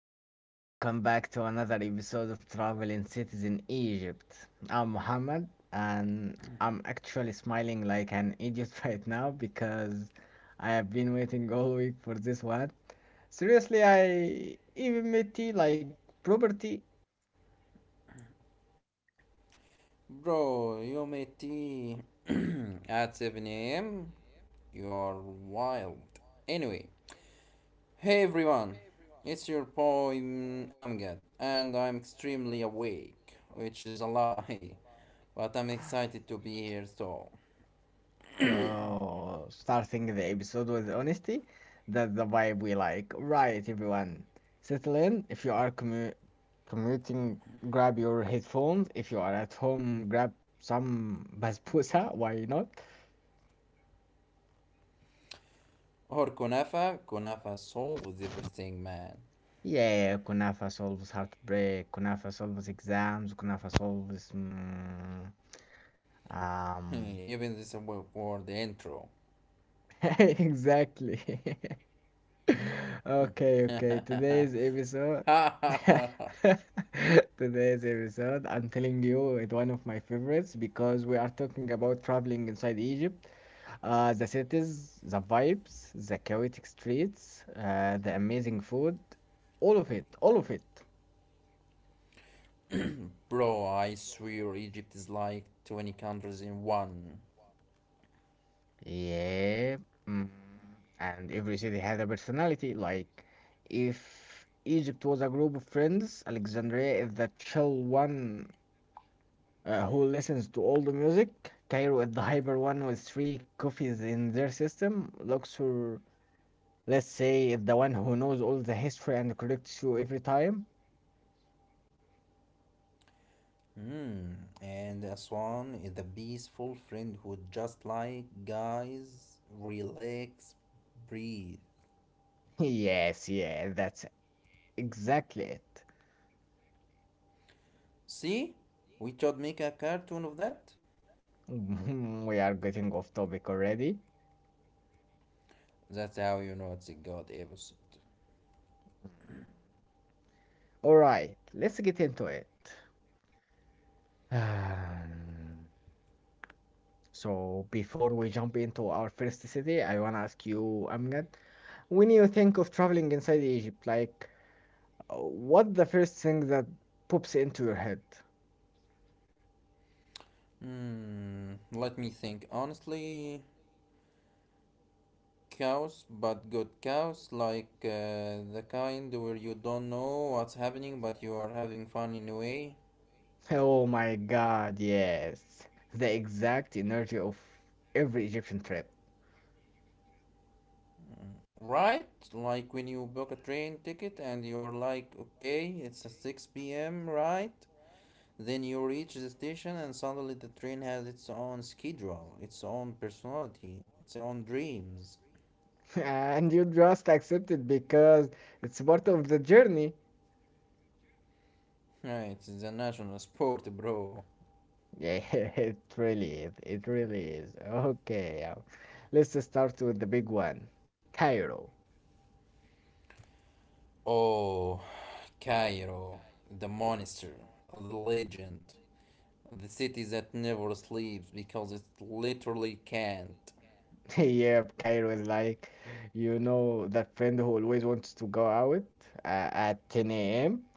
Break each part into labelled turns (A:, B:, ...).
A: guys, welcome back to another episode of Traveling Cities in Egypt. I'm Mohammed and I'm actually smiling like an idiot right now because I have been waiting all week for this one. Seriously, I even made tea like property.
B: Bro, you met me at 7 a.m. You are wild. Anyway, hey everyone, it's your boy Amgad, and I'm extremely awake, which is a lie, but I'm excited to be here so.
A: Oh, starting the episode with honesty. That's the vibe we like. Right, everyone. Settle in. If you are commuting, grab your headphones. If you are at home, grab some basbousa. Why not?
B: Or Kunafa, Kunafa solves everything, man.
A: Yeah, kunafa solves heartbreak. Kunafa solves exams. Kunafa solves. um,
B: Even this awkward intro.
A: exactly. Okay, okay. Today's episode, today's episode, I'm telling you, it's one of my favorites because we are talking about traveling inside Egypt, the cities, the vibes, the chaotic streets, the amazing food, all of it, all of it.
B: Bro, I swear Egypt is like 20 countries in one.
A: Yeah. Mm. And every city has a personality. Like, if Egypt was a group of friends, Alexandria is the chill one, who listens to all the music. Cairo is the hyper one with three coffees in their system. Luxor, let's say, is the one who knows all the history and corrects you every time.
B: Hmm, and a swan is the peaceful friend who just like guys, relax, breathe.
A: Yes, yeah, that's exactly it.
B: See? We should make a cartoon of that.
A: We are getting off topic already.
B: That's how you know it's a god episode.
A: Alright, let's get into it. Um, so, before we jump into our first city, I wanna ask you, Amgad, when you think of traveling inside Egypt, like, what the first thing that pops into your head?
B: Hmm, let me think. Honestly, cows, but good cows, like the kind where you don't know what's happening but you are having fun anyway.
A: Oh my god, yes. The exact energy of every Egyptian trip.
B: Right? Like when you book a train ticket and you're like, okay, it's at 6 p.m., right? Then you reach the station and suddenly the train has its own schedule, its own personality, its own dreams.
A: And you just accept it because it's part of the journey.
B: Right, it's a national sport, bro.
A: Yeah, it really is. It really is. Okay, let's start with the big one, Cairo.
B: Oh, Cairo, the monster, the legend, the city that never sleeps because it literally can't.
A: Yeah, Cairo is like, that friend who always wants to go out at 10 a.m.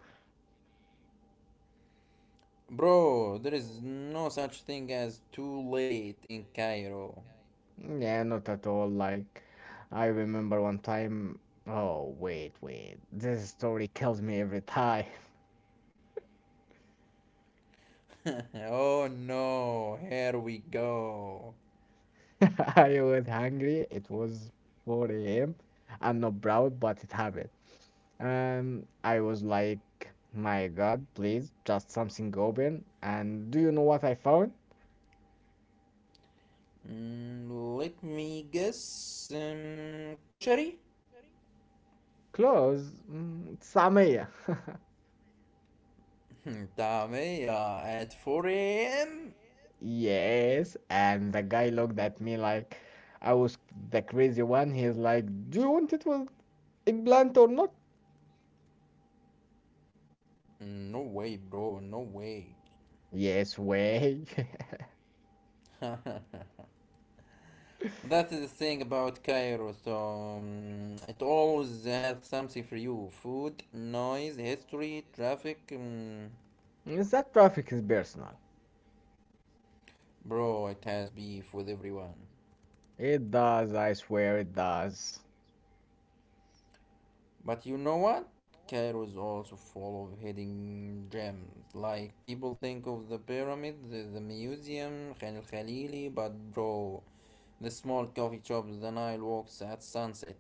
B: Bro, there is no such thing as too late in Cairo.
A: Yeah, not at all. Like, I remember one time. Oh, wait, wait. This story kills me every time.
B: Oh no, here we go.
A: I was hungry. It was 4 a.m. I'm not proud, but it happened. I was like, my God, please, just something open. And do you know what I found?
B: Mm, let me guess. Koshari?
A: Close? Samia.
B: Tamia at 4 a.m.?
A: Yes. And the guy looked at me like I was the crazy one. He's like, do you want it with eggplant or not?
B: No way, bro, no way.
A: Yes, way.
B: That's the thing about Cairo, so it always has something for you food, noise, history, traffic.
A: Is that traffic is personal.
B: Bro, it has beef with everyone.
A: It does, I swear it does.
B: But you know what? Cairo is also full of hidden gems. Like people think of the pyramid, the museum, Khan al Khalili, but bro, the small coffee shops, the Nile walks at sunset.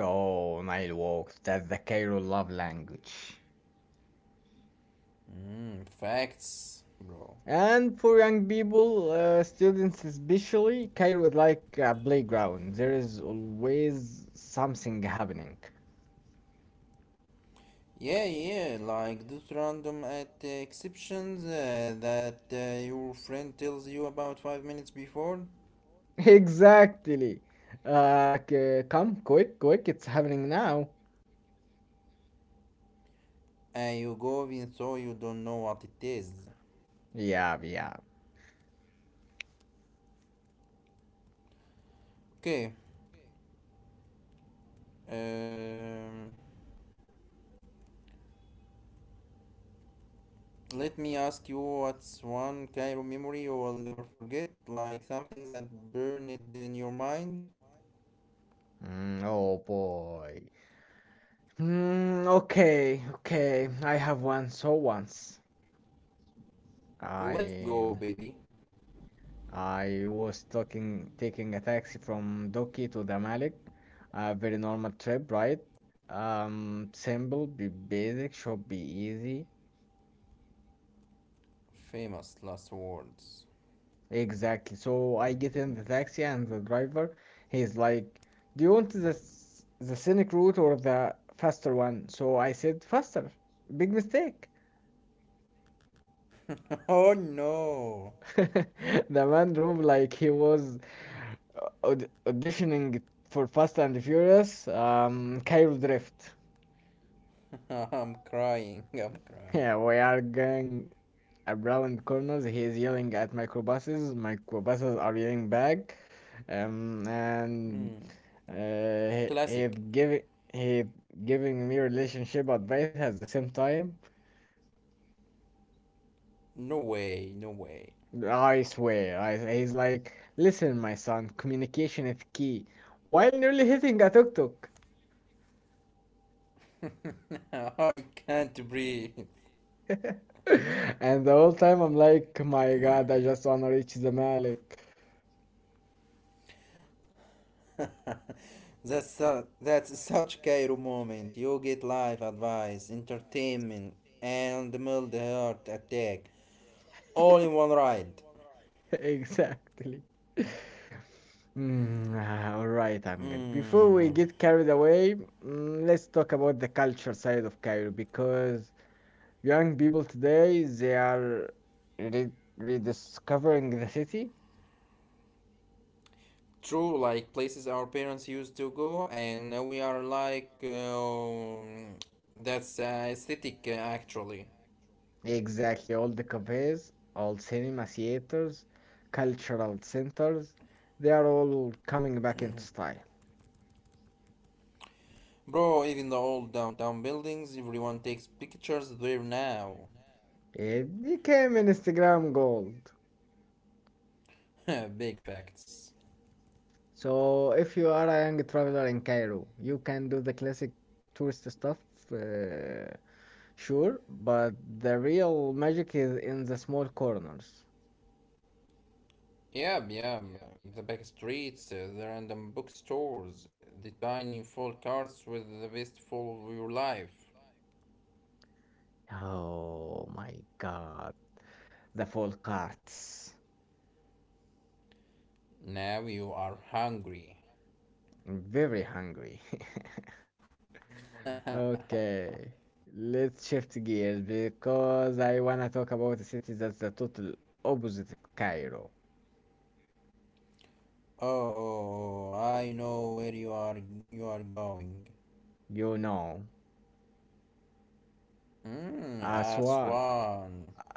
A: Oh, Nile walks. That's the Cairo love language.
B: Mm, facts, bro.
A: And for young people, students especially, Cairo is like a playground. There is always something happening.
B: Yeah, yeah, like those random at exceptions that your friend tells you about 5 minutes before,
A: Exactly. Come quick, quick, it's happening now.
B: and you go even though you don't know what it is.
A: Yeah, yeah.
B: Okay, um, let me ask you, what's one Cairo memory you will never forget? Like something that burned in your mind?
A: Oh boy. Okay, okay. I have one. So once
B: Let's
A: I
B: go, baby.
A: I was talking taking a taxi from Doki to the Malik. A very normal trip, right? Simple, be basic, should be easy.
B: Famous last words.
A: Exactly. So I get in the taxi and the driver, he's like, "Do you want the scenic route or the faster one?" So I said, "Faster." Big mistake.
B: Oh no!
A: No. The man drove like he was auditioning for Fast and Furious, Cairo Drift.
B: I'm crying, I'm crying.
A: Yeah, we are going around corners. He is yelling at microbuses. Microbuses are yelling back. Um, and
B: Mm.
A: Uh, he he
B: Classic.
A: giving he giving me relationship advice at the same time.
B: No way, no way.
A: I swear, he's like, listen, my son, communication is key. While nearly hitting a tuk tuk,
B: I can't breathe.
A: and the whole time I'm like, my God, I just wanna reach the Malik.
B: That's such Cairo moment. You get life advice, entertainment, and mild heart attack, all in one ride.
A: Exactly. All right, Amgad. Before we
B: Mm.
A: get carried away, let's talk about the culture side of Cairo because young people today, they are re- rediscovering the city.
B: True, like places our parents used to go, and now we are like, that's aesthetic actually.
A: Exactly, all the cafes, all cinema theaters, cultural centers, they are all coming back into style.
B: Bro, even the old downtown buildings, everyone takes pictures there now.
A: It became an Instagram gold.
B: Big facts.
A: So if you are a young traveler in Cairo, you can do the classic tourist stuff, uh, sure, but the real magic is in the small corners.
B: Yeah, yeah, the back streets, the random bookstores, the tiny full carts with the best full of your life.
A: Oh my God. The full carts.
B: Now you are hungry.
A: I'm very hungry. Okay. Let's shift gears because I wanna talk about a city that's the total opposite of Cairo.
B: Oh, oh, oh, I know where you are going.
A: You know,
B: Mm,
A: Aswan.
B: Aswan.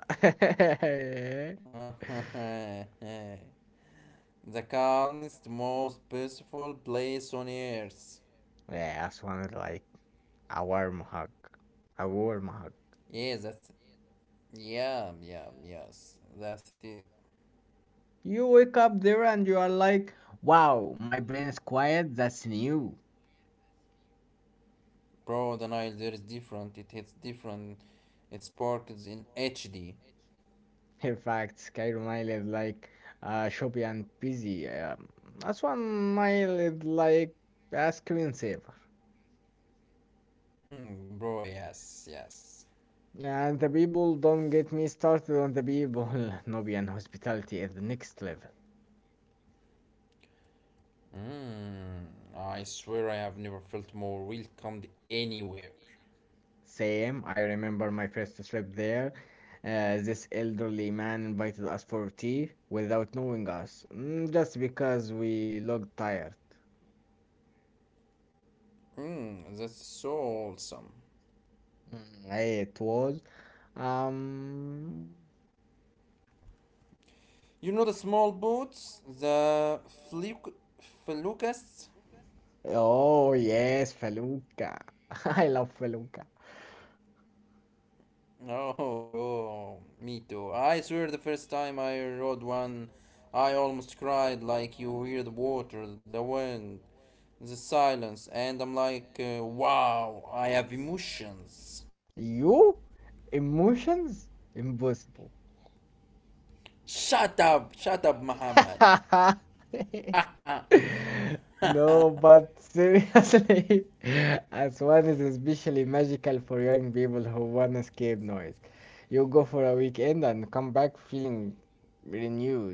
B: The calmest, most peaceful place on earth.
A: Yeah, Aswan is like a warm hug. A warm hug.
B: Yeah, that's yeah, yeah, yes. That's it.
A: You wake up there and you are like, wow, my brain is quiet, that's new.
B: Bro, the Nile there is different. It hits different. It sparkles in HD.
A: In fact, Skyrim is like choppy and busy. That's 1 mile is like a screensaver.
B: Hmm, bro, yes, yes.
A: And the people don't get me started on the people. Nubian hospitality at the next level.
B: Mm, I swear I have never felt more welcomed anywhere.
A: Same, I remember my first trip there. This elderly man invited us for tea without knowing us, just because we looked tired.
B: Mm, that's so awesome.
A: Mm. It was. um,
B: You know the small boats, the fluke, felucas?
A: oh, yes, Feluca. I love Feluca.
B: Oh, oh, me too. I swear the first time I rode one, I almost cried like you hear the water, the wind, the silence, and I'm like, wow, I have emotions.
A: You? Emotions? Impossible.
B: Shut up, Muhammad.
A: Shut up.
B: Yeah,
A: No, but seriously, as one is especially magical for young people who want escape noise. You go for a weekend and come back feeling renewed.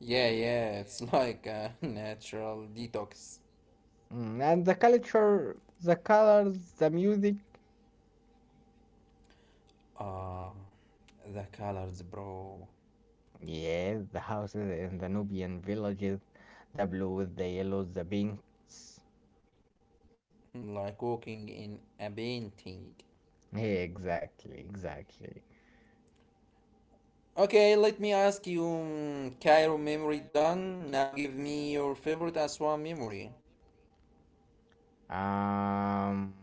B: yeah, it's like a natural detox.
A: And the culture, the colors, the music.
B: Uh, The colors, bro.
A: Yeah, the houses in the Nubian villages, the blues, the yellows, the pinks.
B: Like walking in a painting.
A: Yeah, exactly, exactly.
B: Okay, let me ask you, Cairo memory done. Now give me your favorite Aswan memory.
A: Um,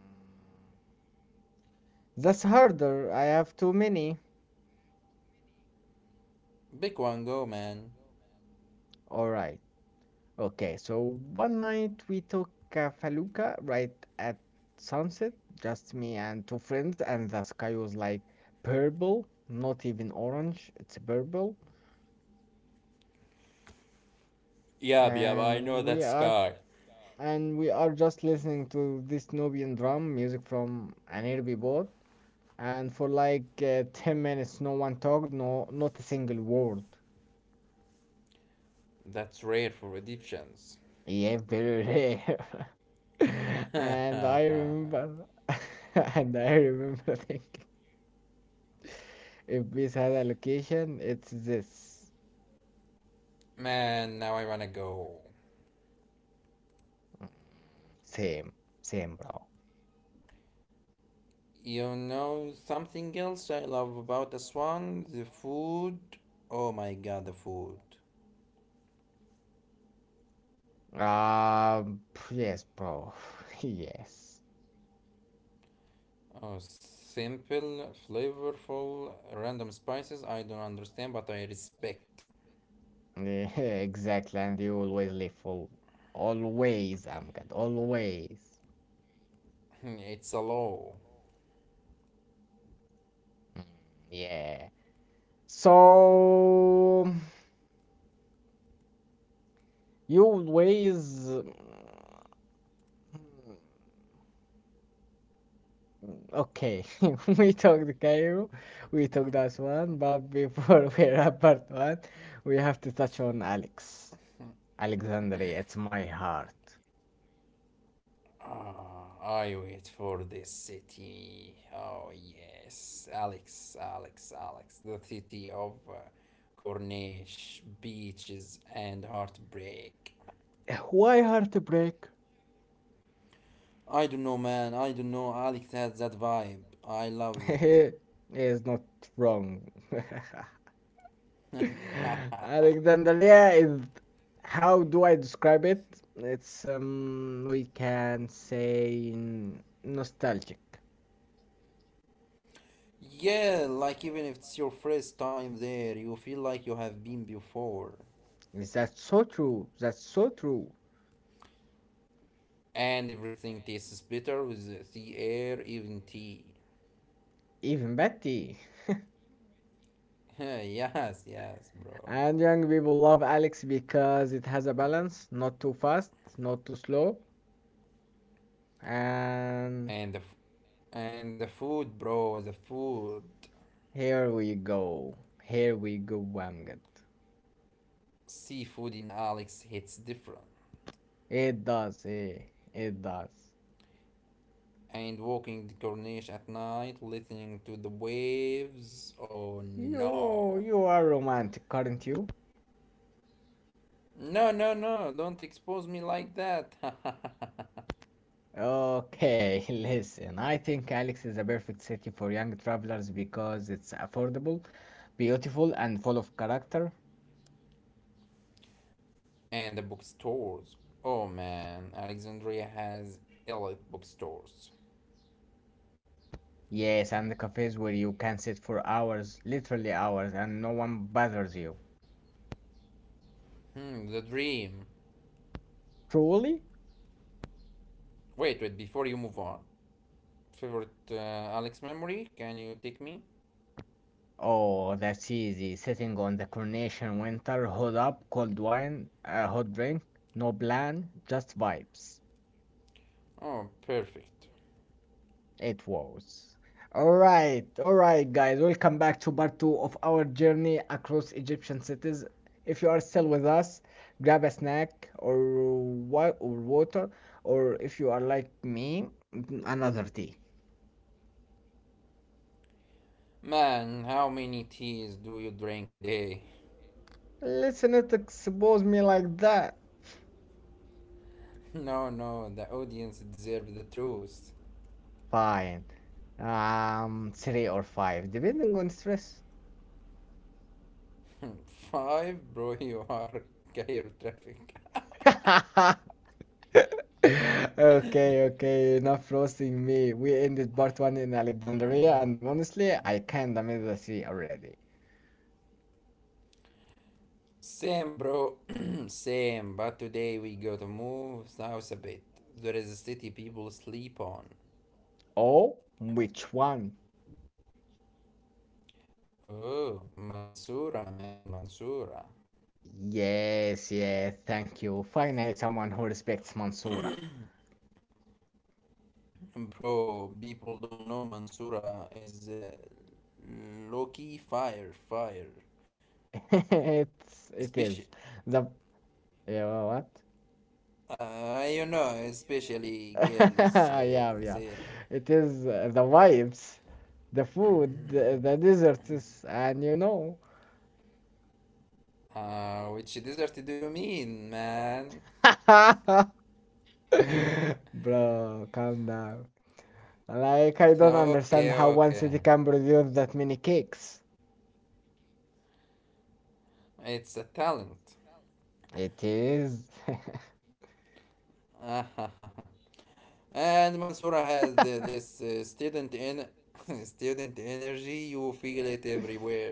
A: that's harder. I have too many.
B: Big one, go, man.
A: All right. Okay, so one night we took a Faluka right at sunset, just me and two friends, and the sky was like purple, not even orange, it's purple.
B: Yeah, yeah. I know
A: and we
B: that
A: are
B: sky.
A: and we are just listening to this Nubian drum music from Anirbi Bot, and for like 10 minutes, no one talked, no, not a single word.
B: That's rare for addictions.
A: Yeah, very rare. And I
B: Man,
A: remember, and I remember thinking, if this had a location, it's this.
B: now I wanna go.
A: Mm, Same, same, bro.
B: You know something else I love about Aswan? The food. Oh my god, the food.
A: Um, yes, bro. Yes.
B: Oh, simple, flavorful, random spices. I don't understand, but I respect.
A: Exactly, and you always live full. Always, I'm good. Always.
B: It's a law.
A: Mm, yeah. So you always. Okay, we talked Cairo, we talked Aswan, but before we wrap part one, we have to touch on Alex. Alexandria, it's my heart.
B: Ah, I wait for this city. Oh, yes. Alex, Alex, Alex. The city of Cornish, beaches, and heartbreak.
A: Why heartbreak?
B: I don't know, man. I don't know. Alex has that vibe. I loved
A: Is not wrong.
B: it.
A: Alexandria is how do I describe it? It's we can say nostalgic.
B: Yeah, like even if it's your first time there, you feel like you have been before.
A: Is that so true. That's so true.
B: And everything tastes better with the air, even tea.
A: Even Betty.
B: Yes, yes, bro.
A: And young people love Alex because it has a balance, not too fast, not too slow. And
B: And the f- and the food, bro, the food.
A: here we go. Here we go, Wamget.
B: Seafood in Alex hits different.
A: It does, eh? It does.
B: And walking the Corniche at night, listening to the waves. Oh
A: You
B: no.
A: you are romantic, aren't you?
B: No, no, no, don't expose me like that.
A: Okay, listen, I think Alex is a perfect city for young travelers because it's affordable, beautiful, and full of character.
B: And the bookstores. Oh man, Alexandria has elite bookstores.
A: Yes, and the cafes where you can sit for hours, literally hours, and no one bothers you.
B: Hmm, the dream.
A: Truly?
B: Wait, wait, before you move on. Favorite Alex memory? Can you take me?
A: Oh, that's easy. Sitting on the coronation winter, hot up, cold wine, a hot drink, no plan, just vibes.
B: Oh, perfect.
A: It was. Alright, alright, guys. Welcome back to part two of our journey across Egyptian cities. If you are still with us, grab a snack or water, or if you are like me, another tea.
B: Man, how many teas do you drink a day?
A: Let's not expose me like that.
B: No, no, the audience deserves the truth.
A: Fine. Three or five, depending on stress.
B: Five, bro, you are chirotraffic.
A: Okay, okay, enough roasting me. We ended part one in Alexandria, and honestly, I kinda miss the sea already.
B: Same, bro. Same. But today we gotta move south a bit. There is a city people sleep on.
A: Oh, which one?
B: Oh, Mansoura, man, Mansoura.
A: Yes, yes, thank you. Finally, someone who respects Mansoura.
B: Bro, people don't know Mansoura is low-key fire, fire.
A: It is.
B: Especially,
A: The, yeah, what?
B: uh, you know, especially girls
A: Yeah, yeah.
B: there.
A: It is the vibes, the food, the, the desserts, and you know.
B: Which desert do you mean, man?
A: Bro, calm down. Like, I don't understand
B: Okay,
A: how one
B: okay.
A: city can produce that many cakes.
B: It's a talent.
A: It is
B: And Mansoura has the, this student in student energy. You feel it everywhere.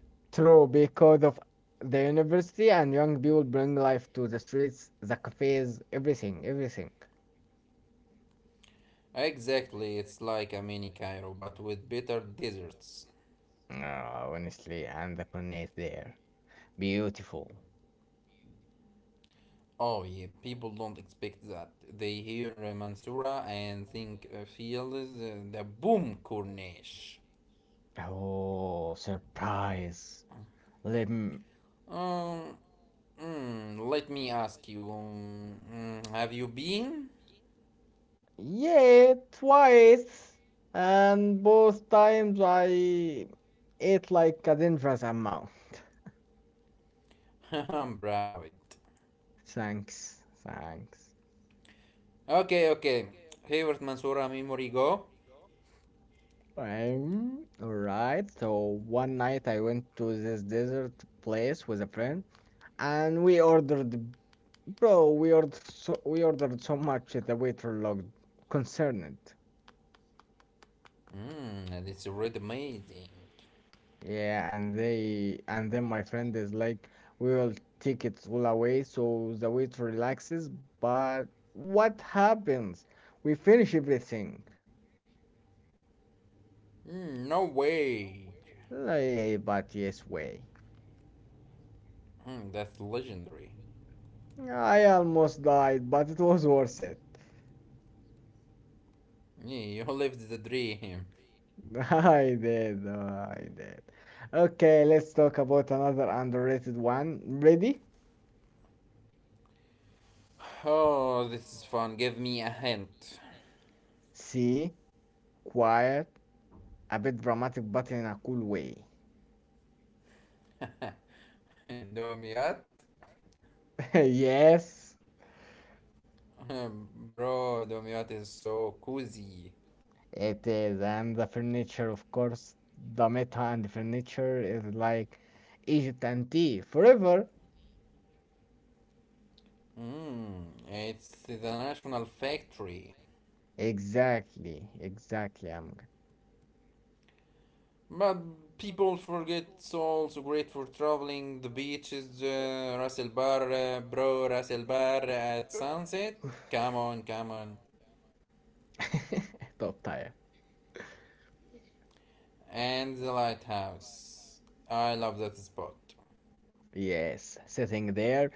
A: true because of the university and young people bring life to the streets, the cafes, everything, everything.
B: Exactly, it's like a mini Cairo but with better desserts.
A: Ah, honestly, and the connect there. Beautiful.
B: Oh yeah, people don't expect that. They hear Mansoura and think feel the boom corniche.
A: Oh, surprise. Let me.
B: Um, Let me ask you, have you been?
A: Yeah, twice. And both times I ate like a dangerous amount.
B: I'm proud.
A: Thanks, thanks.
B: Okay, okay. Favorite Mansoura memory, go.
A: All right. So one night I went to this desert place with a friend, and we ordered so much that the waiter looked concerned.
B: And it's already amazing.
A: Yeah, and then my friend is like, we will take it all away, so the waiter relaxes. But what happens? We finish everything.
B: Mm, no way.
A: Like, yeah, but yes, way.
B: Mm, that's legendary.
A: I almost died, but it was worth it.
B: Yeah, you lived the dream.
A: I did, I did. Okay, let's talk about another underrated one. Ready?
B: Oh, this is fun. Give me a hint.
A: See, quiet, a bit dramatic, but in a cool way.
B: Domiat?
A: Yes,
B: Bro, Domiat is so cozy.
A: it is. And the furniture, of course, the meta and the furniture is like Egypt and tea forever.
B: Mm, it's the national factory.
A: Exactly, exactly. I
B: But people forget it's also great for traveling the beaches, Ras El Bar, bro, Ras El Bar at sunset. Come on, come on.
A: Top tier.
B: And the lighthouse. I love that spot.
A: Yes, sitting there,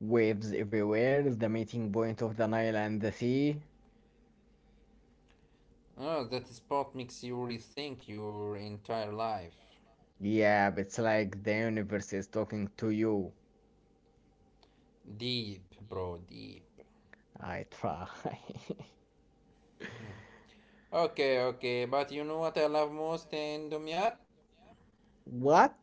A: waves everywhere, the meeting point of the Nile and the sea.
B: Oh, that spot makes you rethink your entire life.
A: Yeah, but it's like the universe is talking to you.
B: Deep, bro, deep.
A: I try.
B: Okay, okay, but you know what I love most in Dumyat?
A: What?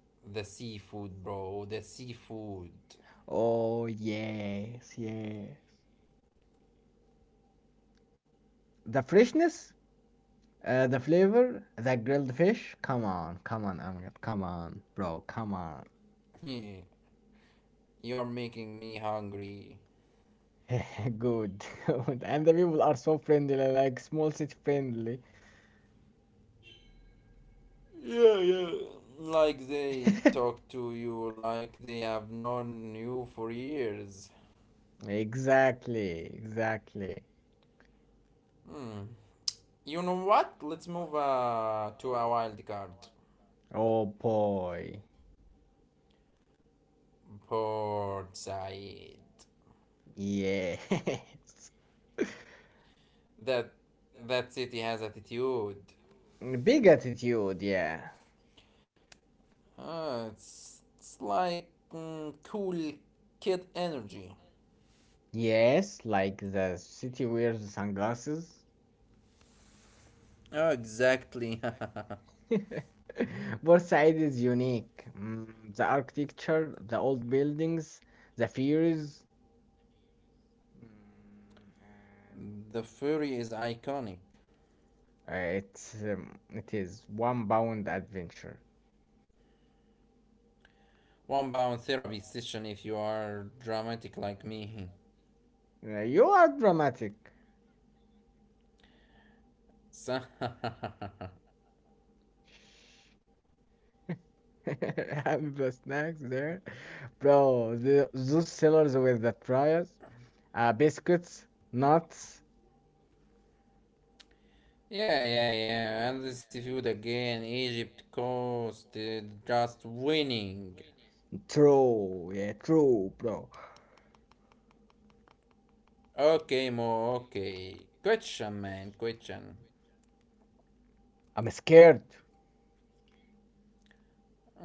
B: The seafood, bro, the seafood.
A: Oh, yes, yes. The freshness? The flavor, the grilled fish. Come on, come on, Amjad, come on, bro, come on.
B: You are making me hungry.
A: Good, good. And the people are so friendly, like small city friendly.
B: Yeah, yeah. Like they talk to you like they have known you for years.
A: Exactly, exactly.
B: Hmm, You know what? Let's move to a wild card.
A: Oh boy.
B: Port Said.
A: Yes.
B: That that city has attitude.
A: Big attitude, yeah.
B: It's like cool kid energy.
A: Yes, like the city wears sunglasses.
B: Oh, exactly.
A: Port-Said is unique. The architecture, the old buildings, the fears, mm,
B: The furry is iconic.
A: and it is one bound adventure.
B: One bound therapy session if you are dramatic like me.
A: You are dramatic.
B: Yeah,
A: Have the snacks there, bro. Those sellers with the fries, biscuits, nuts.
B: yeah, yeah. And this feud again, Egypt coast just winning.
A: True, yeah, true, bro.
B: Okay, Mo, okay. Question, man, question.
A: I'm scared.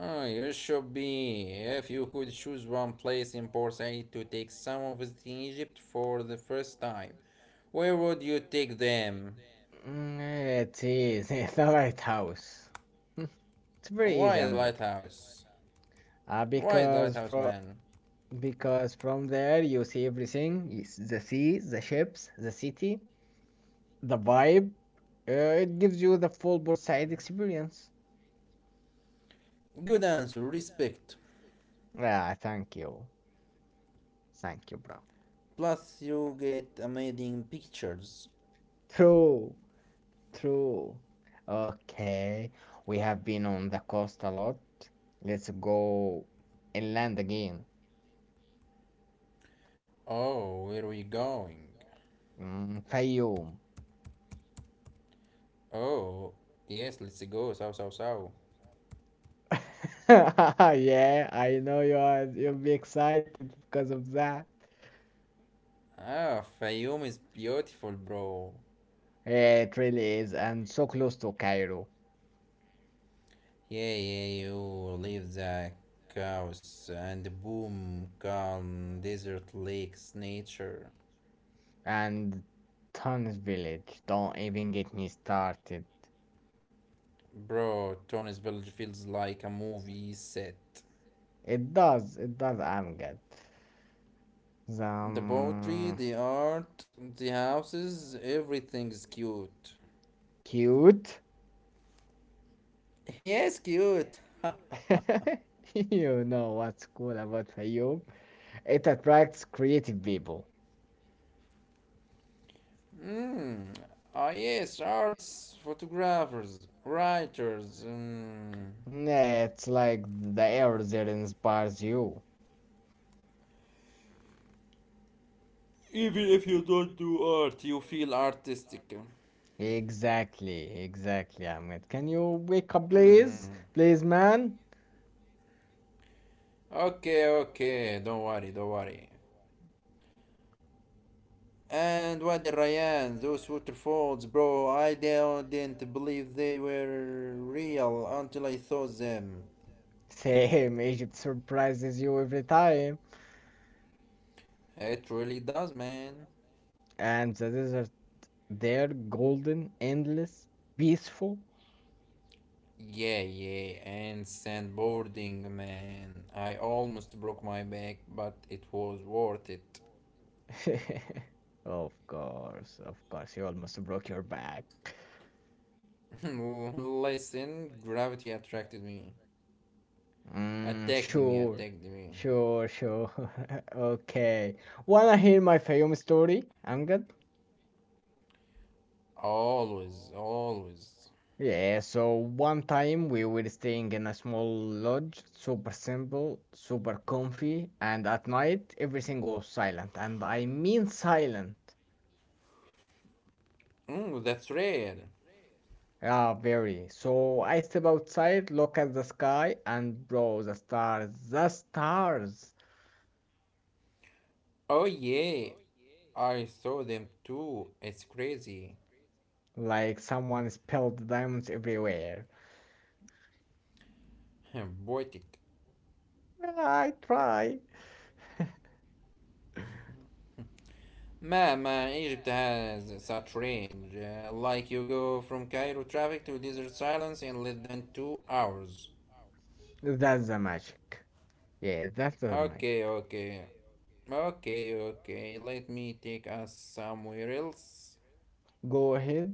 B: Oh, you should be. If you could choose one place in Port-Said to take some of us to Egypt for the first time, where would you take them?
A: Mm, It's easy. The White House. It's very easy,
B: Why the
A: I'm good.
B: lighthouse?
A: Uh,
B: Why the
A: because
B: lighthouse,
A: from
B: man?
A: because from there you see everything. Yes, the sea, the ships, the city, the vibe. It gives you the full Port-Said experience.
B: Good answer, respect.
A: Ah, thank you. Thank you, bro.
B: Plus, you get amazing pictures.
A: True, true. Okay, we have been on the coast a lot. Let's go inland again.
B: Oh, where are we going?
A: Fayoum.
B: Oh, yes, let's go, south, south, south.
A: Yeah, I know you'll be excited because of that.
B: Ah, Fayoum is beautiful, bro.
A: Yeah, it really is, and so close to Cairo
B: Yeah, yeah, you leave the chaos and boom, calm, desert lakes, nature.
A: and Tunis village. Don't even get me started.
B: Bro, Tony's village feels like a movie set.
A: It does, Amjad. The
B: The poetry, the art, the houses, everything's cute.
A: Cute.
B: Yes, cute.
A: You know what's cool about Fayoum? It attracts creative people.
B: Mm. Ah, yes, arts, photographers, writers. Mm.
A: Yeah, it's like the air there inspires you.
B: Even if you don't do art, you feel artistic.
A: Exactly, exactly, Ahmed. Can you wake up,
B: Mm.
A: please? Please, man.
B: Okay, okay, don't worry, don't worry. And what the Ryan, those waterfalls, bro, I didn't believe they were real until I saw them.
A: Same, Egypt surprises you every time.
B: It really does, man.
A: And the desert there, golden, endless, peaceful.
B: Yeah, yeah, and sandboarding, man. I almost broke my back, but it was worth it.
A: Of course, you almost broke your back.
B: Listen, gravity
A: Mm,
B: attacked me,
A: sure,
B: attacked me.
A: sure, sure. Okay. Wanna hear my Fayoum story, Amgad?
B: Always, always.
A: Yeah, so one time we were staying in a small lodge, super simple, super comfy, and at night everything was silent, and I mean silent.
B: That's rare.
A: Yeah, very. So I step outside, look at the sky, and bro, the stars, the stars!
B: Oh yeah, I saw them too. It's crazy.
A: Like someone spilled diamonds everywhere.
B: Poetic.
A: I try.
B: Man, man, Egypt has such range. Like you go from Cairo traffic to desert silence in less than 2 hours.
A: That's the magic. Yeah, that's the magic.
B: Okay, okay. Okay, okay. Let me take us somewhere else.
A: Go ahead.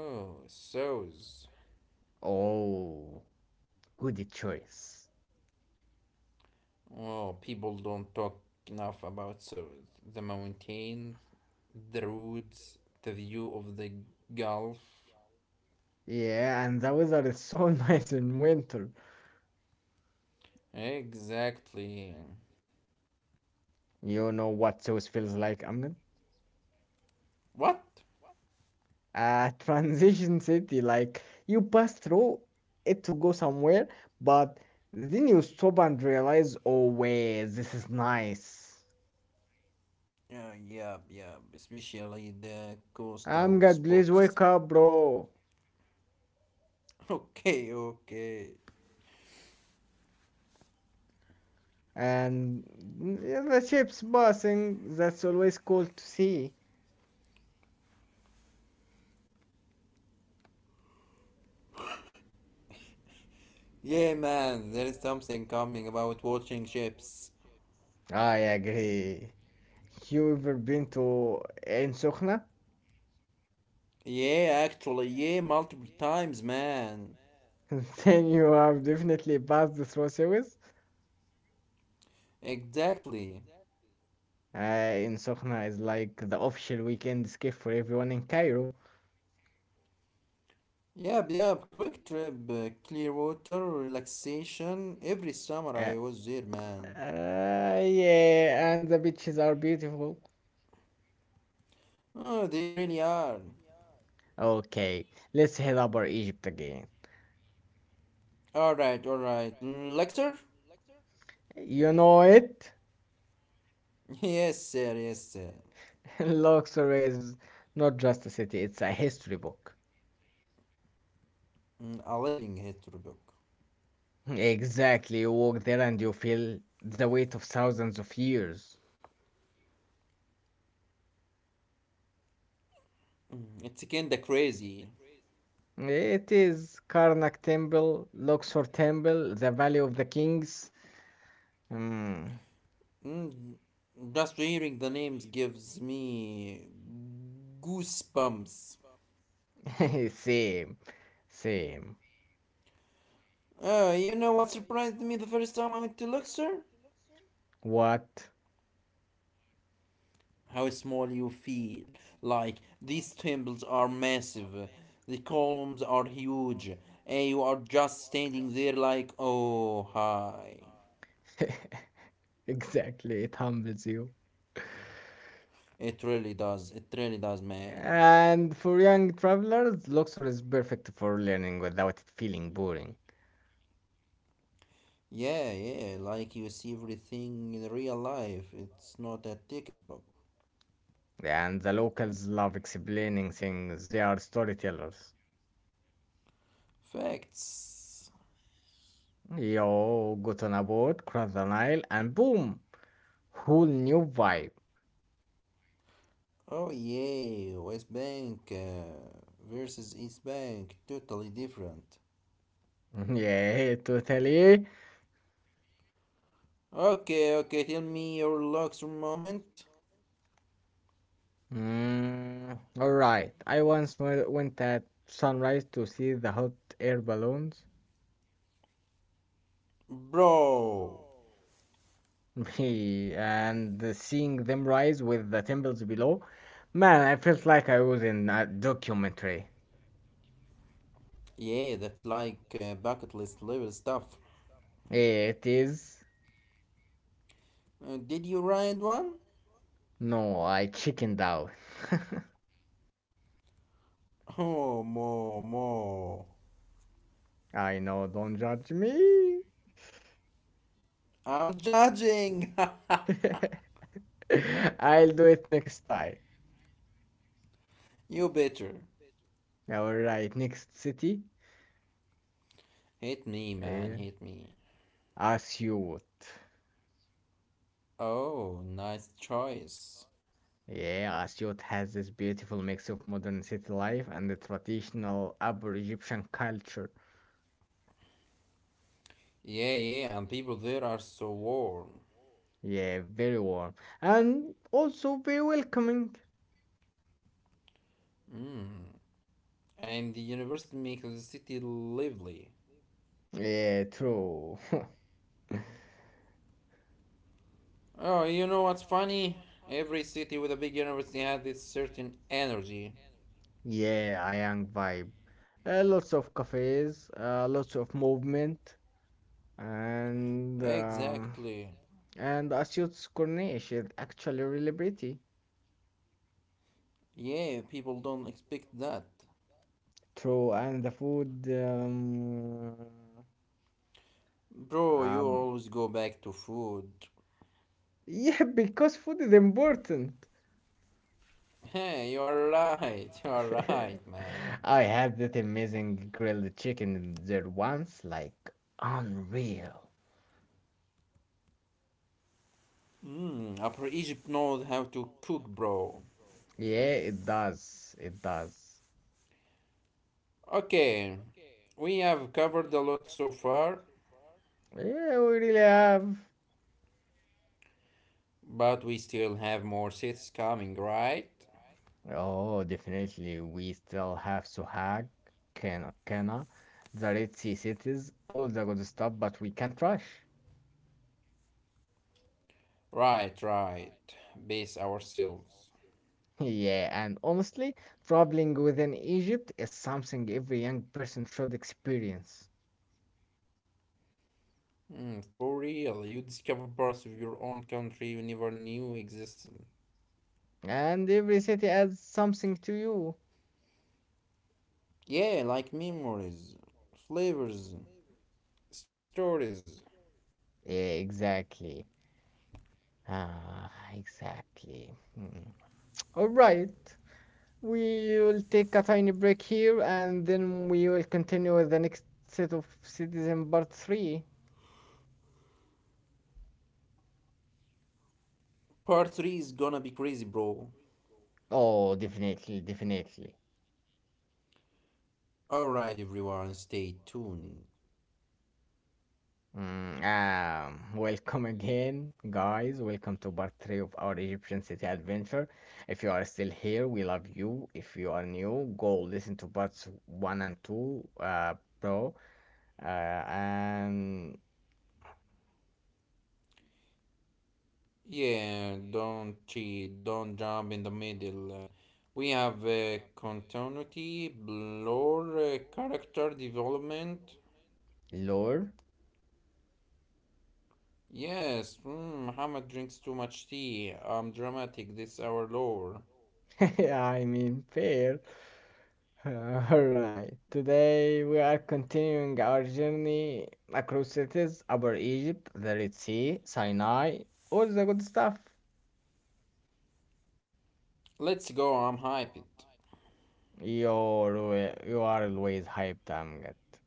B: Oh, sows.
A: Oh, good choice.
B: Oh, people don't talk enough about sows. The mountains, the roads, the view of the Gulf.
A: Yeah, and the weather is so nice in winter.
B: Exactly.
A: You know what Zeus feels like, Amnon?
B: What?
A: A transition city, like you pass through it to go somewhere, but then you stop and realize, oh wait, this is nice.
B: Yeah, yeah, especially the coastal
A: Amgad, please
B: spots.
A: wake up, bro.
B: Okay, okay.
A: And yeah, the ship's passing, that's always cool to see.
B: Yeah, man, there is something coming about watching ships.
A: I agree. You ever been to Ein Sokhna?
B: Yeah, actually, yeah, multiple times, man.
A: Then you have definitely passed through Suez.
B: Exactly.
A: In Sokhna is like the official weekend escape for everyone in Cairo.
B: Yep, yep, quick trip, clear water, relaxation. Every summer I
A: Uh,
B: was there, man.
A: yeah, and the beaches are beautiful.
B: Oh, they really are.
A: Okay, let's head up our Egypt again.
B: Alright, alright. Mm, Lecture?
A: You know it?
B: Yes, sir, yes, sir.
A: Luxor is not just a city, it's a history book.
B: A living history book.
A: Exactly, you walk there and you feel the weight of thousands of years.
B: It's kinda crazy.
A: It is Karnak Temple, Luxor Temple, the Valley of the Kings. Hmm.
B: Mm, just hearing the names gives me goosebumps.
A: Same, same.
B: You know what surprised me the first time I went to Luxor?
A: What?
B: How small you feel. Like, these temples are massive, the columns are huge, and you are just standing there like, oh, hi.
A: Exactly, it humbles you.
B: It really does, man.
A: And for young travelers, Luxor is perfect for learning without it feeling boring.
B: Yeah, yeah, like you see everything in real life. It's not a ticket book.
A: And the locals love explaining things, they are storytellers.
B: Facts.
A: Yo, get on a boat, cross the Nile, and boom! Whole new vibe.
B: Oh yeah, West Bank versus East Bank, totally different.
A: Yeah, totally.
B: Okay, okay, tell me your Luxor moment,
A: All right. Went at sunrise to see the hot air balloons
B: bro.
A: and seeing them rise with the temples below. Man, I felt like I was in a documentary.
B: Yeah, that's like bucket list level stuff.
A: It is.
B: Did you ride one?
A: No, I chickened out.
B: Oh, mo, mo.
A: I know, don't judge me.
B: I'm judging.
A: I'll do it next time.
B: You better.
A: All right, next city.
B: Hit me, man,
A: Eh,
B: hit me.
A: Asyut.
B: Oh, nice choice.
A: Yeah, Asyut has this beautiful mix of modern city life and the traditional Upper Egyptian culture.
B: Yeah, yeah, and people there are so warm.
A: Yeah, very warm and also very welcoming.
B: And the university makes the city lively.
A: Yeah, true.
B: Oh, you know what's funny? Every city with a big university has this certain energy.
A: Yeah, a young vibe. Lots of cafes, lots of movement, and um
B: Exactly.
A: and Asyut's Corniche is actually really pretty.
B: Yeah, people don't expect that.
A: True, and the food.
B: Bro, you
A: Um,
B: always go back to food.
A: yeah, because food is important.
B: Hey, you are right. You are right, man.
A: I had that amazing grilled chicken there once, like unreal.
B: Mm, Upper Egypt knows how to cook, bro.
A: Yeah, it does. It does.
B: Okay, we have covered a lot so far,
A: Yeah, we really have.
B: but we still have more cities coming, right?
A: Oh, definitely. We still have Sohag, Kena, the Red Sea cities, all the good stuff, but we can't rush.
B: Right, right. Base ourselves.
A: Yeah, and honestly, traveling within Egypt is something every young person should experience.
B: Hmm, for real, you discover parts of your own country you never knew existed.
A: And every city adds something to you.
B: Yeah, like memories, flavors, stories.
A: Yeah, exactly. Ah, exactly. Mm. All right. We will take a tiny break here and then we will continue with the next set of cities in part 3.
B: Part 3 is gonna be crazy, bro.
A: Oh, definitely, definitely.
B: Alright, everyone, stay tuned.
A: Mm, Welcome again, guys. Welcome to part 3 of our Egyptian city adventure. If you are still here, we love you. If you are new, go listen to parts 1 and 2, bro, and
B: Yeah, don't cheat, don't jump in the middle. We have continuity, blur, character development.
A: lore.
B: Yes, Muhammad drinks too much tea. I'm dramatic this hour lower.
A: I mean, fair. Alright, today we are continuing our journey across cities, Upper Egypt, the Red Sea, Sinai, all the good stuff.
B: Let's go, I'm hyped.
A: You are always hyped, Amgat.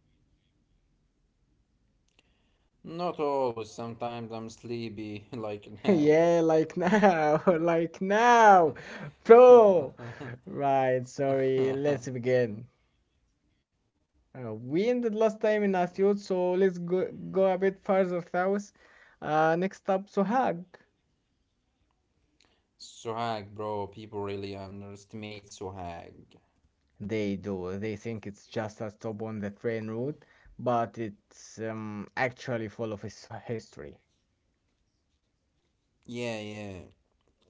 B: Not always, sometimes I'm sleepy, like now.
A: Yeah, like now, like now, bro. Right, sorry, let's begin. We ended last time in Asyut, so go a bit further south. Next up, Sohag.
B: Suhag, bro, people really underestimate Suhag.
A: They do. They think it's just a stop on the train route, but it's actually full of his history.
B: Yeah, yeah.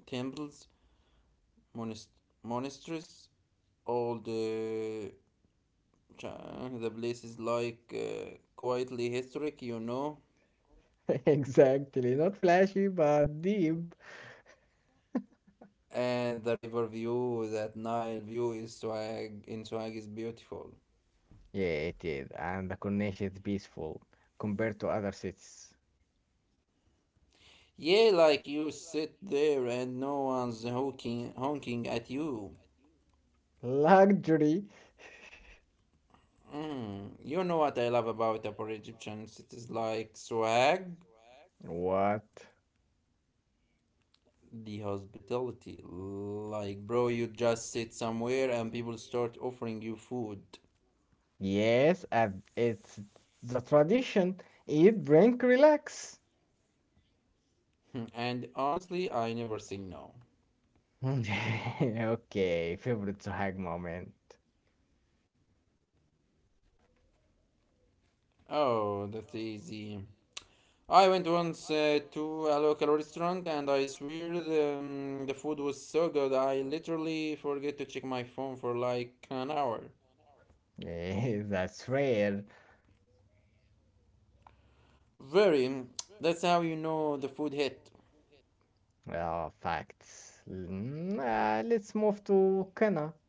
B: Temples, monast- monasteries, all the, the places like quietly historic, you know?
A: Exactly. Not flashy, but deep.
B: And the river view, that Nile view is swag. In swag is beautiful.
A: Yeah, it is. And the coronation is peaceful compared to other cities.
B: Yeah, like you sit there and no one's honking at you.
A: Luxury.
B: Mm. You know what I love about Upper Egyptian cities like swag?
A: What?
B: The hospitality. Like bro, you just sit somewhere and people start offering you food.
A: Yes, and it's the tradition. Eat, drink, relax.
B: Mm, and honestly I never say no.
A: Okay, favorite Sohag moment.
B: Oh, that's easy. I went once to a local restaurant and I swear the food was so good I literally forget to check my phone for like an hour.
A: Eh, that's rare.
B: Very. That's how you know the food hit.
A: Facts. Let's move to Kana.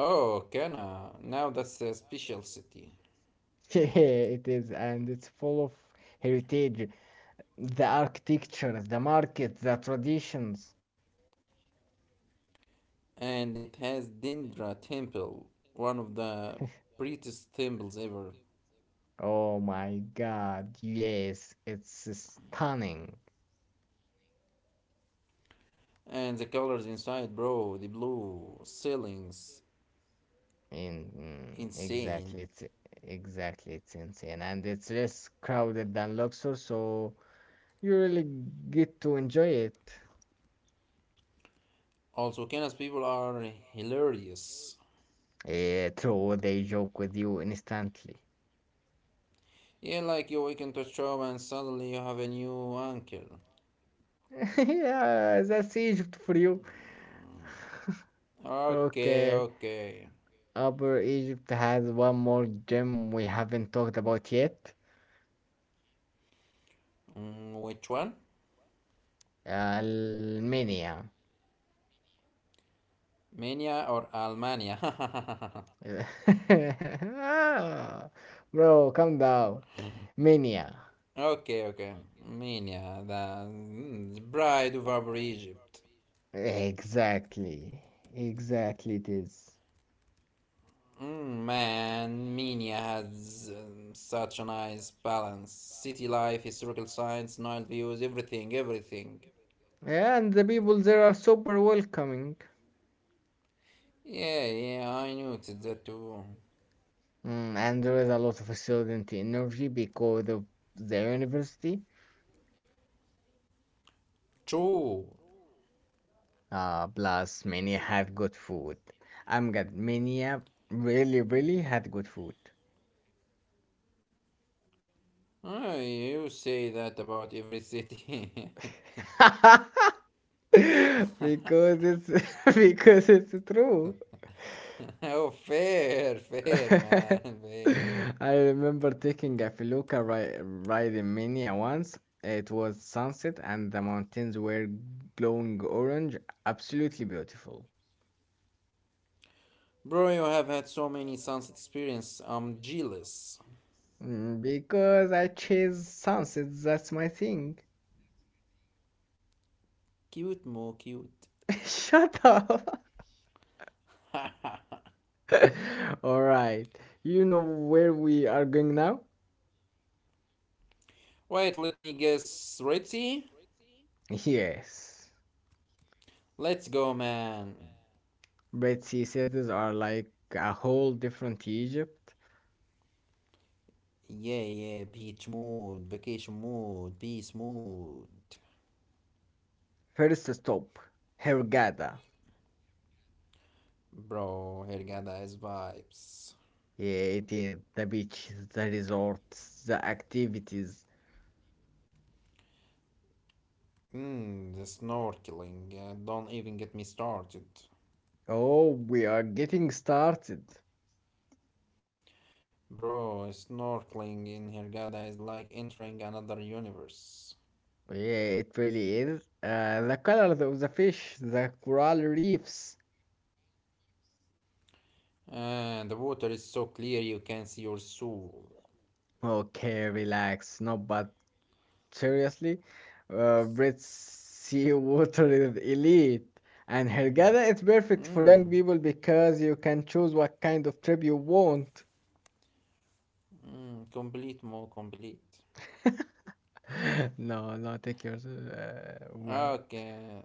B: Oh, Kana. Now that's a special city.
A: It is, and it's full of heritage. The architecture, the market, the traditions.
B: And it has Dendra Temple, one of the prettiest temples ever.
A: Oh my God, yes, it's stunning.
B: And the colors inside, bro, the blue ceilings,
A: In mm, exactly,
B: insane.
A: it's Exactly, it's insane and it's less crowded than Luxor, so you really get to enjoy it.
B: Also, Kana's people are hilarious.
A: Yeah, true, they joke with you instantly.
B: Yeah, like you weekend to show and suddenly you have a new uncle.
A: Yeah, that's Egypt for you.
B: Okay,
A: Okay,
B: okay.
A: Upper Egypt has one more gem we haven't talked about yet.
B: Mm, which one?
A: Almenia.
B: Minya or Almania?
A: Ah, bro, calm down. Minya.
B: Okay, okay. Minya, the bride of Upper Egypt.
A: Exactly. Exactly it is.
B: Mm, man, Minya has such a nice balance. City life, historical science, night views, everything.
A: Yeah, and the people there are super welcoming.
B: Yeah, yeah, I noticed that too.
A: Mm, and there is a lot of student energy because of the university.
B: True.
A: Plus, many had good food. I'm glad many have really, really had good food.
B: Ah, you say that about every city.
A: because it's Because it's true.
B: Oh, fair, fair, man, fair.
A: I remember taking a ride in Minia once. It was sunset and the mountains were glowing orange. Absolutely beautiful.
B: Bro, you have had so many sunset experiences. I'm jealous.
A: Mm, because I chase sunsets, that's my thing.
B: Cute, more cute.
A: Shut up. All right. You know where we are going now?
B: Wait, let me guess. Red Sea?
A: Yes.
B: Let's go, man.
A: Red Sea cities are like a whole different Egypt.
B: Yeah, yeah, beach mood, vacation mood, peace mood.
A: First stop, Hurghada.
B: Bro, Hergada is vibes.
A: It is the beach, the resorts, the activities.
B: Mmm, the snorkeling. Don't even get me started.
A: Oh, we are getting started.
B: Bro, snorkeling in Hergada is like entering another universe.
A: Yeah, it really is. The colors of the fish, the coral reefs.
B: And the water is so clear you can see your soul.
A: Okay, relax. No, but seriously, Brits seawater is elite. And Hurghada is perfect for young
B: Mm,
A: people because you can choose what kind of trip you want.
B: mm, complete, more complete.
A: No, no, take yours. Word.
B: Okay.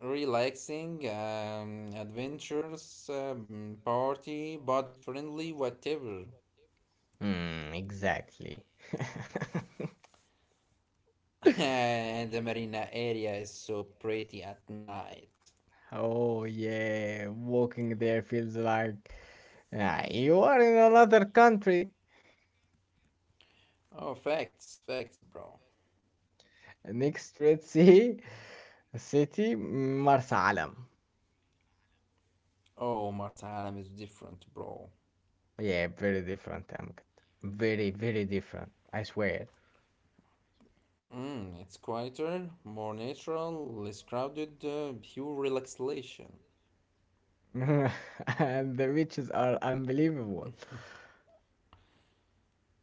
B: Relaxing, adventures, party, budget friendly, whatever.
A: Hmm, exactly.
B: And the marina area is so pretty at night.
A: Oh, yeah, walking there feels like ah, you are in another country.
B: Oh, facts, facts, bro.
A: Next, let's see. Marsa Alam.
B: Oh, Mars Alam is different, bro.
A: Yeah, very different, Amgad. Very, very different, I swear.
B: Mm, it's quieter, more natural, less crowded, pure relaxation.
A: And the beaches are unbelievable.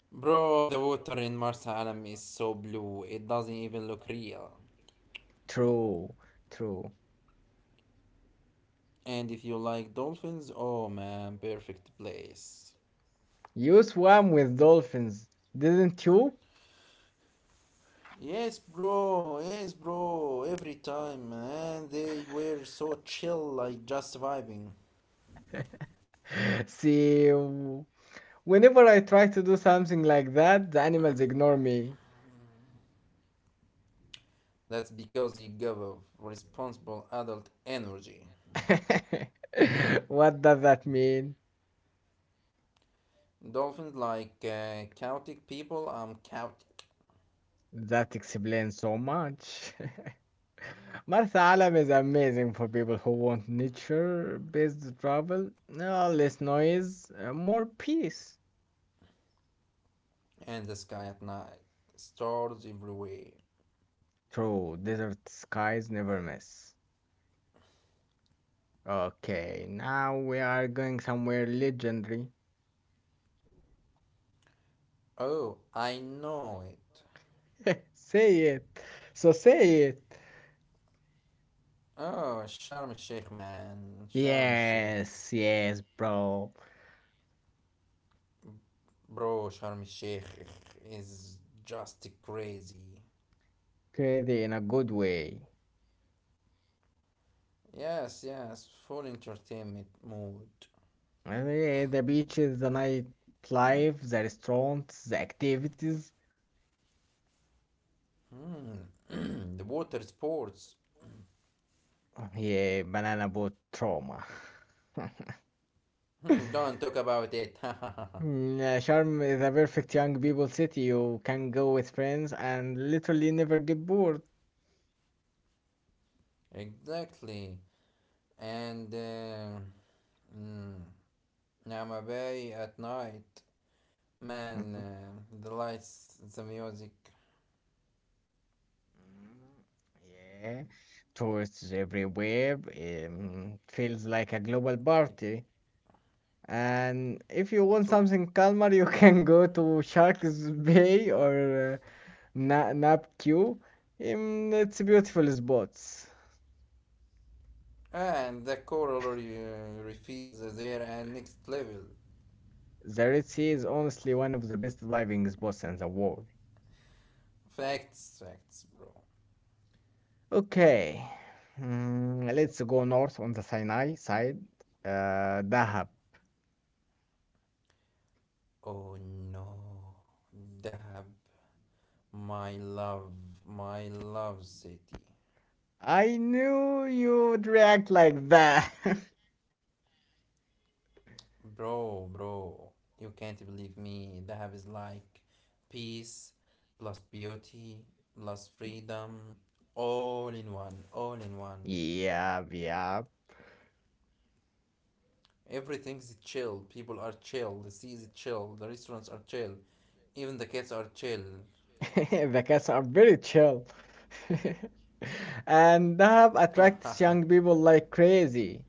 B: Bro, the water in Mars Alam is so blue, it doesn't even look real.
A: True, true.
B: And if you like dolphins, oh man, perfect place.
A: You swam with dolphins, didn't you?
B: Yes, bro, every time, man, they were so chill, like just vibing.
A: See, whenever I try to do something like that, the animals ignore me.
B: That's because you gave a responsible adult energy.
A: What does that mean?
B: Dolphins like chaotic people, I'm chaotic.
A: That explains so much. Martha Alam is amazing for people who want nature based travel. Less noise, more peace.
B: And the sky at night, stars everywhere.
A: True, desert skies never miss. Okay, now we are going somewhere legendary.
B: Oh, I know it.
A: Say it. So say it.
B: Oh, Sharm el Sheikh, man. Sharm el Sheikh.
A: Yes, yes, bro.
B: Bro, Sharm el Sheikh is just crazy.
A: Crazy in a good way.
B: Yes, yes, full entertainment mood.
A: The beaches, the nightlife, the restaurants, the activities.
B: Hmm. The water sports.
A: Yeah, banana boat trauma.
B: Hmm, don't talk about it.
A: Sharm is a perfect young people city. You can go with friends and literally never get bored.
B: Exactly. And mm, Nama Bay at night. Man,
A: Mhm.
B: the lights, the music.
A: Yeah, tourists everywhere. Feels like a global
B: It,
A: party. And if you want
B: it,
A: something calmer, you can go to Sharks Bay or Nap Q. It's beautiful spots.
B: And the reefs there and next level.
A: The Red Sea is honestly one of the best diving spots in the world.
B: Facts, facts, bro.
A: Okay, let's go north on the Sinai side. Dahab.
B: Oh no. Dahab, my love, my love city.
A: I knew you'd react like that.
B: Bro, bro, you can't believe me. Dahab is like peace plus beauty plus freedom, all in one, all in one.
A: Yep, yep.
B: Everything's chill. People are chill. The sea is chill. The restaurants are chill. Even the cats are chill.
A: The cats are very chill. And they have attracts young people like crazy.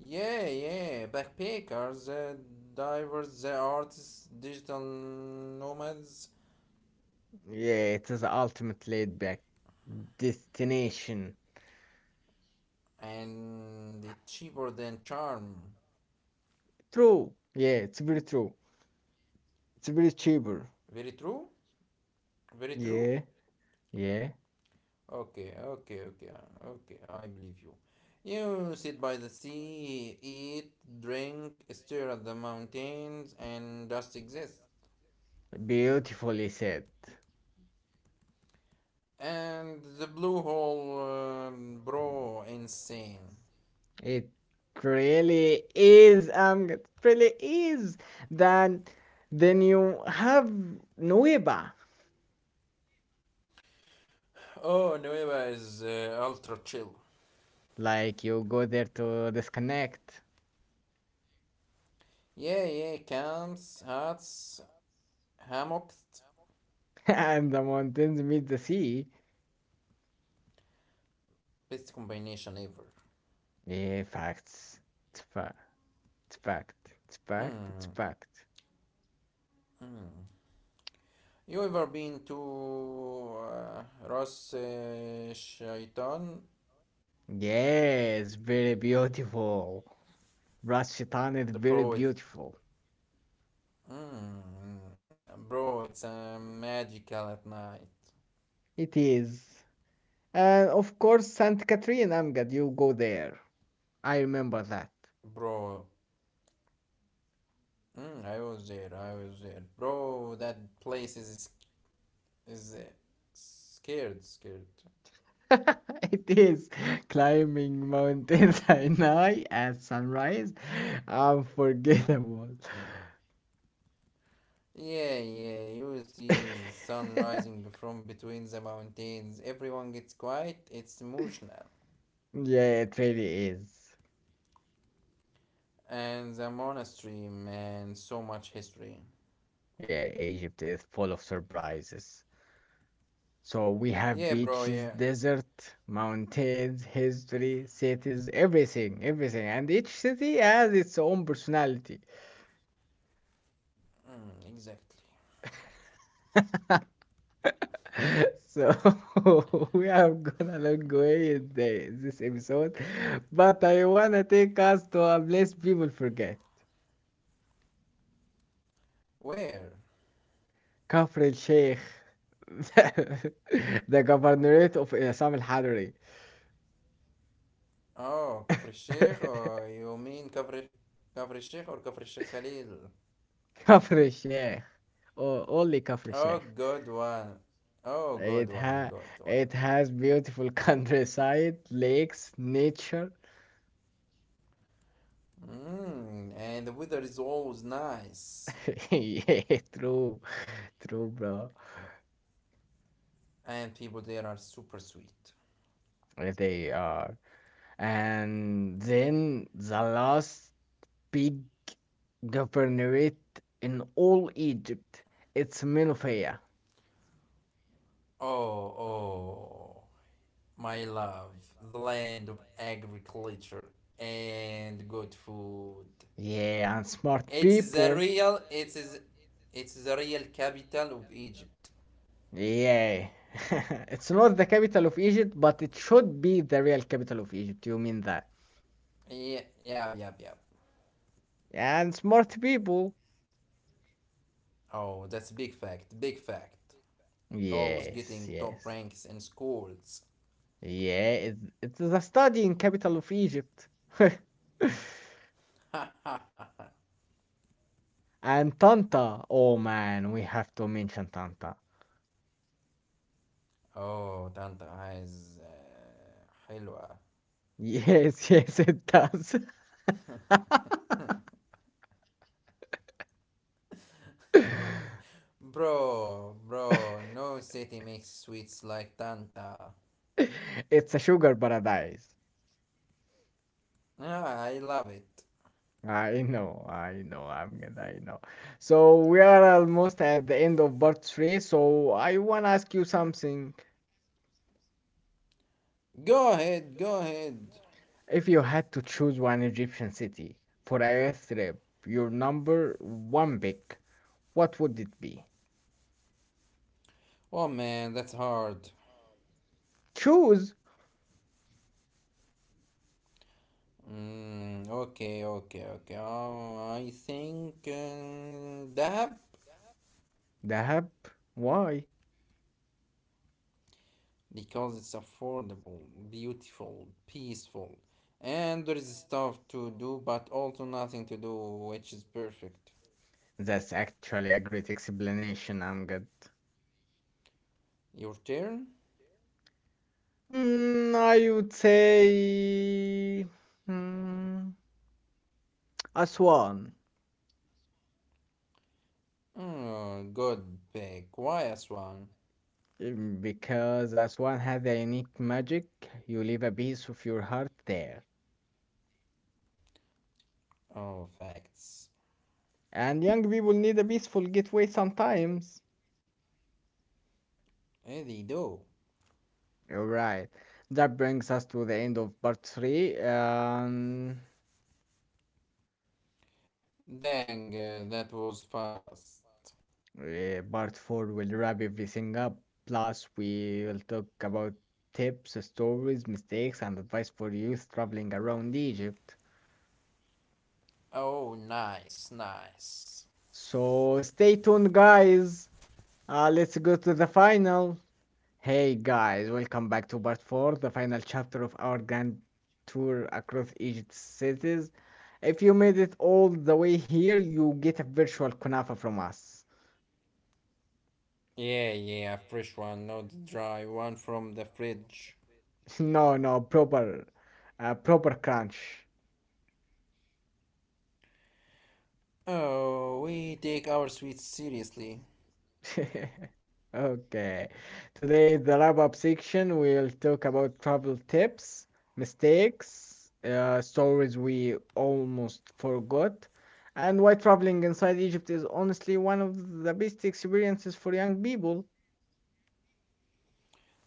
B: Yeah, yeah. Backpackers, divers, the artists, digital nomads,
A: Yeah, it is the ultimate laid back destination.
B: and the cheaper than charm.
A: True. Yeah, it's very true. It's very cheaper.
B: Very true? Very true?
A: Yeah, yeah.
B: Okay, okay, okay, okay. I believe you. You sit by the sea, eat, drink, stare at the mountains, and just exist.
A: Beautifully said.
B: And the blue hole, bro, insane.
A: It really is, it really is. Then, then you have Nueva.
B: Oh, Nueva is ultra chill.
A: Like you go there to disconnect.
B: Yeah, yeah, camps, hats, hammocks,
A: And the mountains meet the sea.
B: best combination ever.
A: Yeah, facts. It's fact. It's fact. It's fact. It's
B: Mm,
A: fact.
B: mm. You ever been to Ras Shaitan?
A: Yes, very beautiful. Ras Shaitan is very
B: The bro,
A: beautiful.
B: mm, bro, it's magical at night,
A: It is. And of course, Saint Catherine Amgad, you go there. I remember that.
B: bro. Mm, I was there, bro. That place is scared, scared.
A: It is climbing mountains at night at sunrise. Unforgettable.
B: Yeah, yeah, you see the
A: Yeah,
B: sun rising from between the mountains. Everyone gets quiet, it's emotional.
A: it really is.
B: And the monastery, man, so much history.
A: Yeah, Egypt is full of surprises. So we have
B: Yeah, bro,
A: beaches,
B: yeah,
A: desert, mountains, history, cities, everything, everything. And each city has its own personality.
B: Exactly.
A: So we are gonna look away in this episode. But I wanna take us to a place people forget.
B: Where?
A: Kafr el Sheikh, the governorate of Assam al Hadri.
B: Oh, Kafr Sheikh, or you mean Kafr, Kafr Sheikh or Kafr Sheikh Khalil?
A: Kafr el Sheikh, or only Kafr el
B: Oh,
A: Sheikh.
B: good one. Oh,
A: It
B: good one,
A: ha
B: good one.
A: it has beautiful countryside, lakes, nature.
B: Mm, and the weather is always nice.
A: Yeah, true, true, bro.
B: And people there are super sweet.
A: They are. And then the last big governorate in all Egypt. It's Menopheia.
B: Oh, oh, my love, the land of agriculture and good food.
A: Yeah, and smart
B: It is the
A: people.
B: real, it is, it's the real capital of Egypt.
A: Yeah. It's not the capital of Egypt, but it should be the real capital of Egypt. You mean that?
B: Yeah, yeah, yeah, yeah.
A: And smart people.
B: Oh, that's big fact, big fact. Always
A: Yes,
B: getting top
A: yes.
B: ranks in schools.
A: Yeah, it's the studying capital of Egypt.
B: Oh,
A: And Tanta. Oh man, we have to mention Tanta.
B: Tanta عايز حلوة.
A: Yes, yes, it does.
B: Bro, bro, no city makes sweets like Tanta.
A: It's a sugar paradise.
B: Ah, I love it.
A: I know. So we are almost at the end of part three, so I wanna ask you something.
B: Go ahead, go ahead.
A: If you had to choose one Egyptian city for a youth trip, your number one pick, what would it be?
B: Oh man, that's hard.
A: Choose!
B: Mm, okay, okay, okay. Oh, I think Dahab,
A: Dahab. Why?
B: because it's affordable, beautiful, peaceful, and there is stuff to do, but also nothing to do, which is perfect.
A: That's actually a great explanation, Amgad.
B: Your turn.
A: Hmm, I would say. Hmm, Aswan.
B: Oh, good pick. Quiet one.
A: Mm, because Aswan has a unique magic, you leave a piece of your heart there.
B: Oh, facts.
A: And young people need a peaceful getaway sometimes.
B: Eh, they do.
A: Alright, that brings us to the end of part 3.
B: Dang, that was fast.
A: Part 4 will wrap everything up. Plus, we will talk about tips, stories, mistakes, and advice for youth traveling around Egypt.
B: Oh, nice, nice.
A: So, stay tuned, guys. Let's go to the final. Hey, guys, welcome back to part 4, the final chapter of our grand tour across Egypt's cities. If you made it all the way here, you get a virtual kunafa from us.
B: Yeah, yeah, fresh one, not the dry one from the fridge.
A: No, no, proper, proper crunch.
B: Oh, we take our sweets seriously.
A: Okay. Today, is the wrap-up section, we'll talk about travel tips, mistakes, stories we almost forgot, and why traveling inside Egypt is honestly one of the best experiences for young people.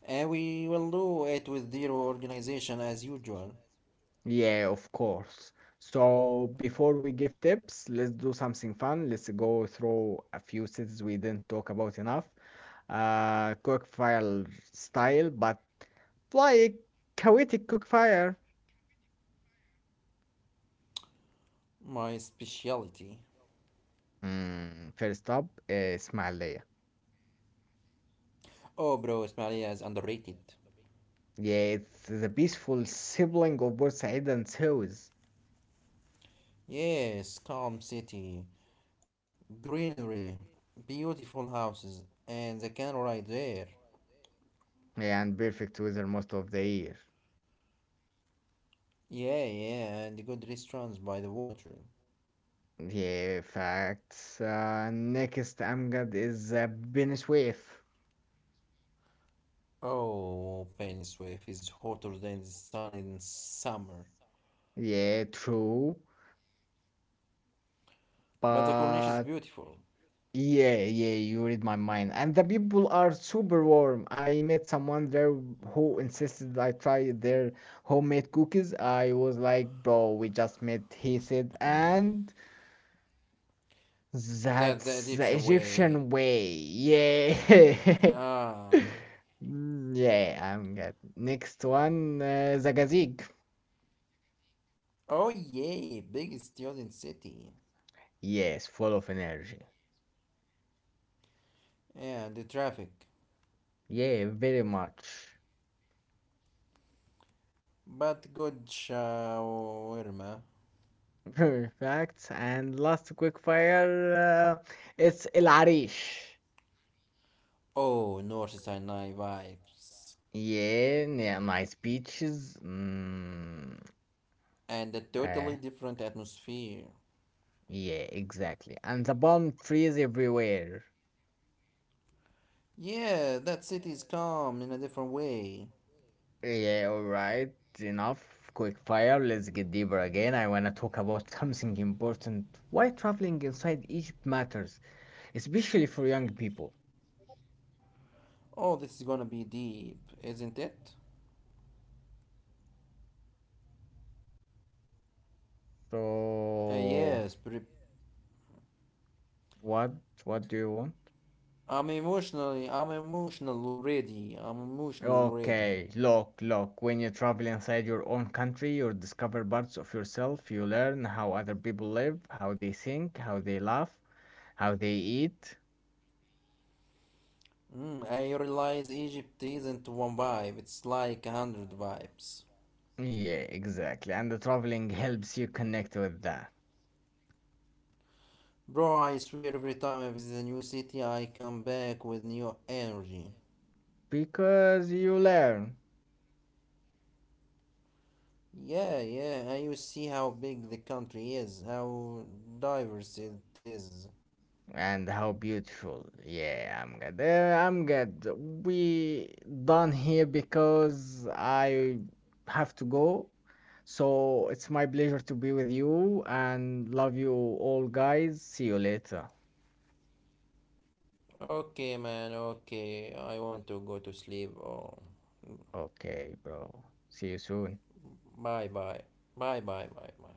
B: And we will do it with zero organization as usual.
A: Yeah, of course. So before we give tips, let's do something fun. Let's go through a few cities we didn't talk about enough. Cookfire style, but like Kuwaiti cookfire.
B: My specialty.
A: First up, Ismailia.
B: Oh, bro, Ismailia is underrated.
A: Yeah, it's the peaceful sibling of both Said and Suez.
B: Yes, calm city, greenery, beautiful houses, and the canal right there.
A: Yeah, and perfect weather most of the year.
B: Yeah, yeah, and good restaurants by the water.
A: Yeah, facts. Next, Amgad is Benishwaif.
B: Oh, Pennysuif is hotter than the sun in summer.
A: Yeah, true.
B: But the Corniche is
A: But
B: beautiful.
A: yeah, yeah, you read my mind. And the people are super warm. I met someone there who insisted I try their homemade cookies. I was like, bro, we just met. He said, and
B: That the
A: that's the
B: Egyptian
A: Egyptian
B: way.
A: way. Yeah.
B: Ah.
A: Yeah, I'm good. Next one, Zagazig.
B: Oh, yay, big student city.
A: Yes, full of energy.
B: Yeah, the traffic.
A: Yeah, very much.
B: But good shawarma.
A: Perfect. And last quick fire, it's El Arish.
B: Oh, North Sinai vibes.
A: Yeah, yeah, nice beaches.
B: And a totally
A: Uh,
B: different atmosphere.
A: yeah, exactly. And the palm trees everywhere.
B: Yeah, that city is calm in a different way.
A: Yeah, all right. Enough. Quick fire. Let's get deeper again. I want to talk about something important. Why traveling inside Egypt matters, especially for young people.
B: Oh, this is gonna be deep, isn't it?
A: So,
B: Yes, pre-
A: what? What do you want?
B: I'm emotional already. I'm emotional already.
A: Okay, look, look. When you travel inside your own country, you discover parts of yourself. You learn how other people live, how they think, how they laugh, how they eat.
B: Mm, I realize Egypt isn't one vibe, it's like 100 vibes.
A: Yeah, exactly. And the traveling helps you connect with that
B: Bro, I swear every time I visit a new city, I come back with new energy.
A: because you learn.
B: Yeah, yeah, and you see how big the country is, how diverse it is.
A: And how beautiful. Yeah, I'm good. I'm good. We done here because I have to go. So it's my pleasure to be with you and love you all guys. See you later.
B: Okay, man, okay, I want to go to sleep. Oh,
A: Okay, bro. See you soon.
B: bye bye. Bye bye bye bye.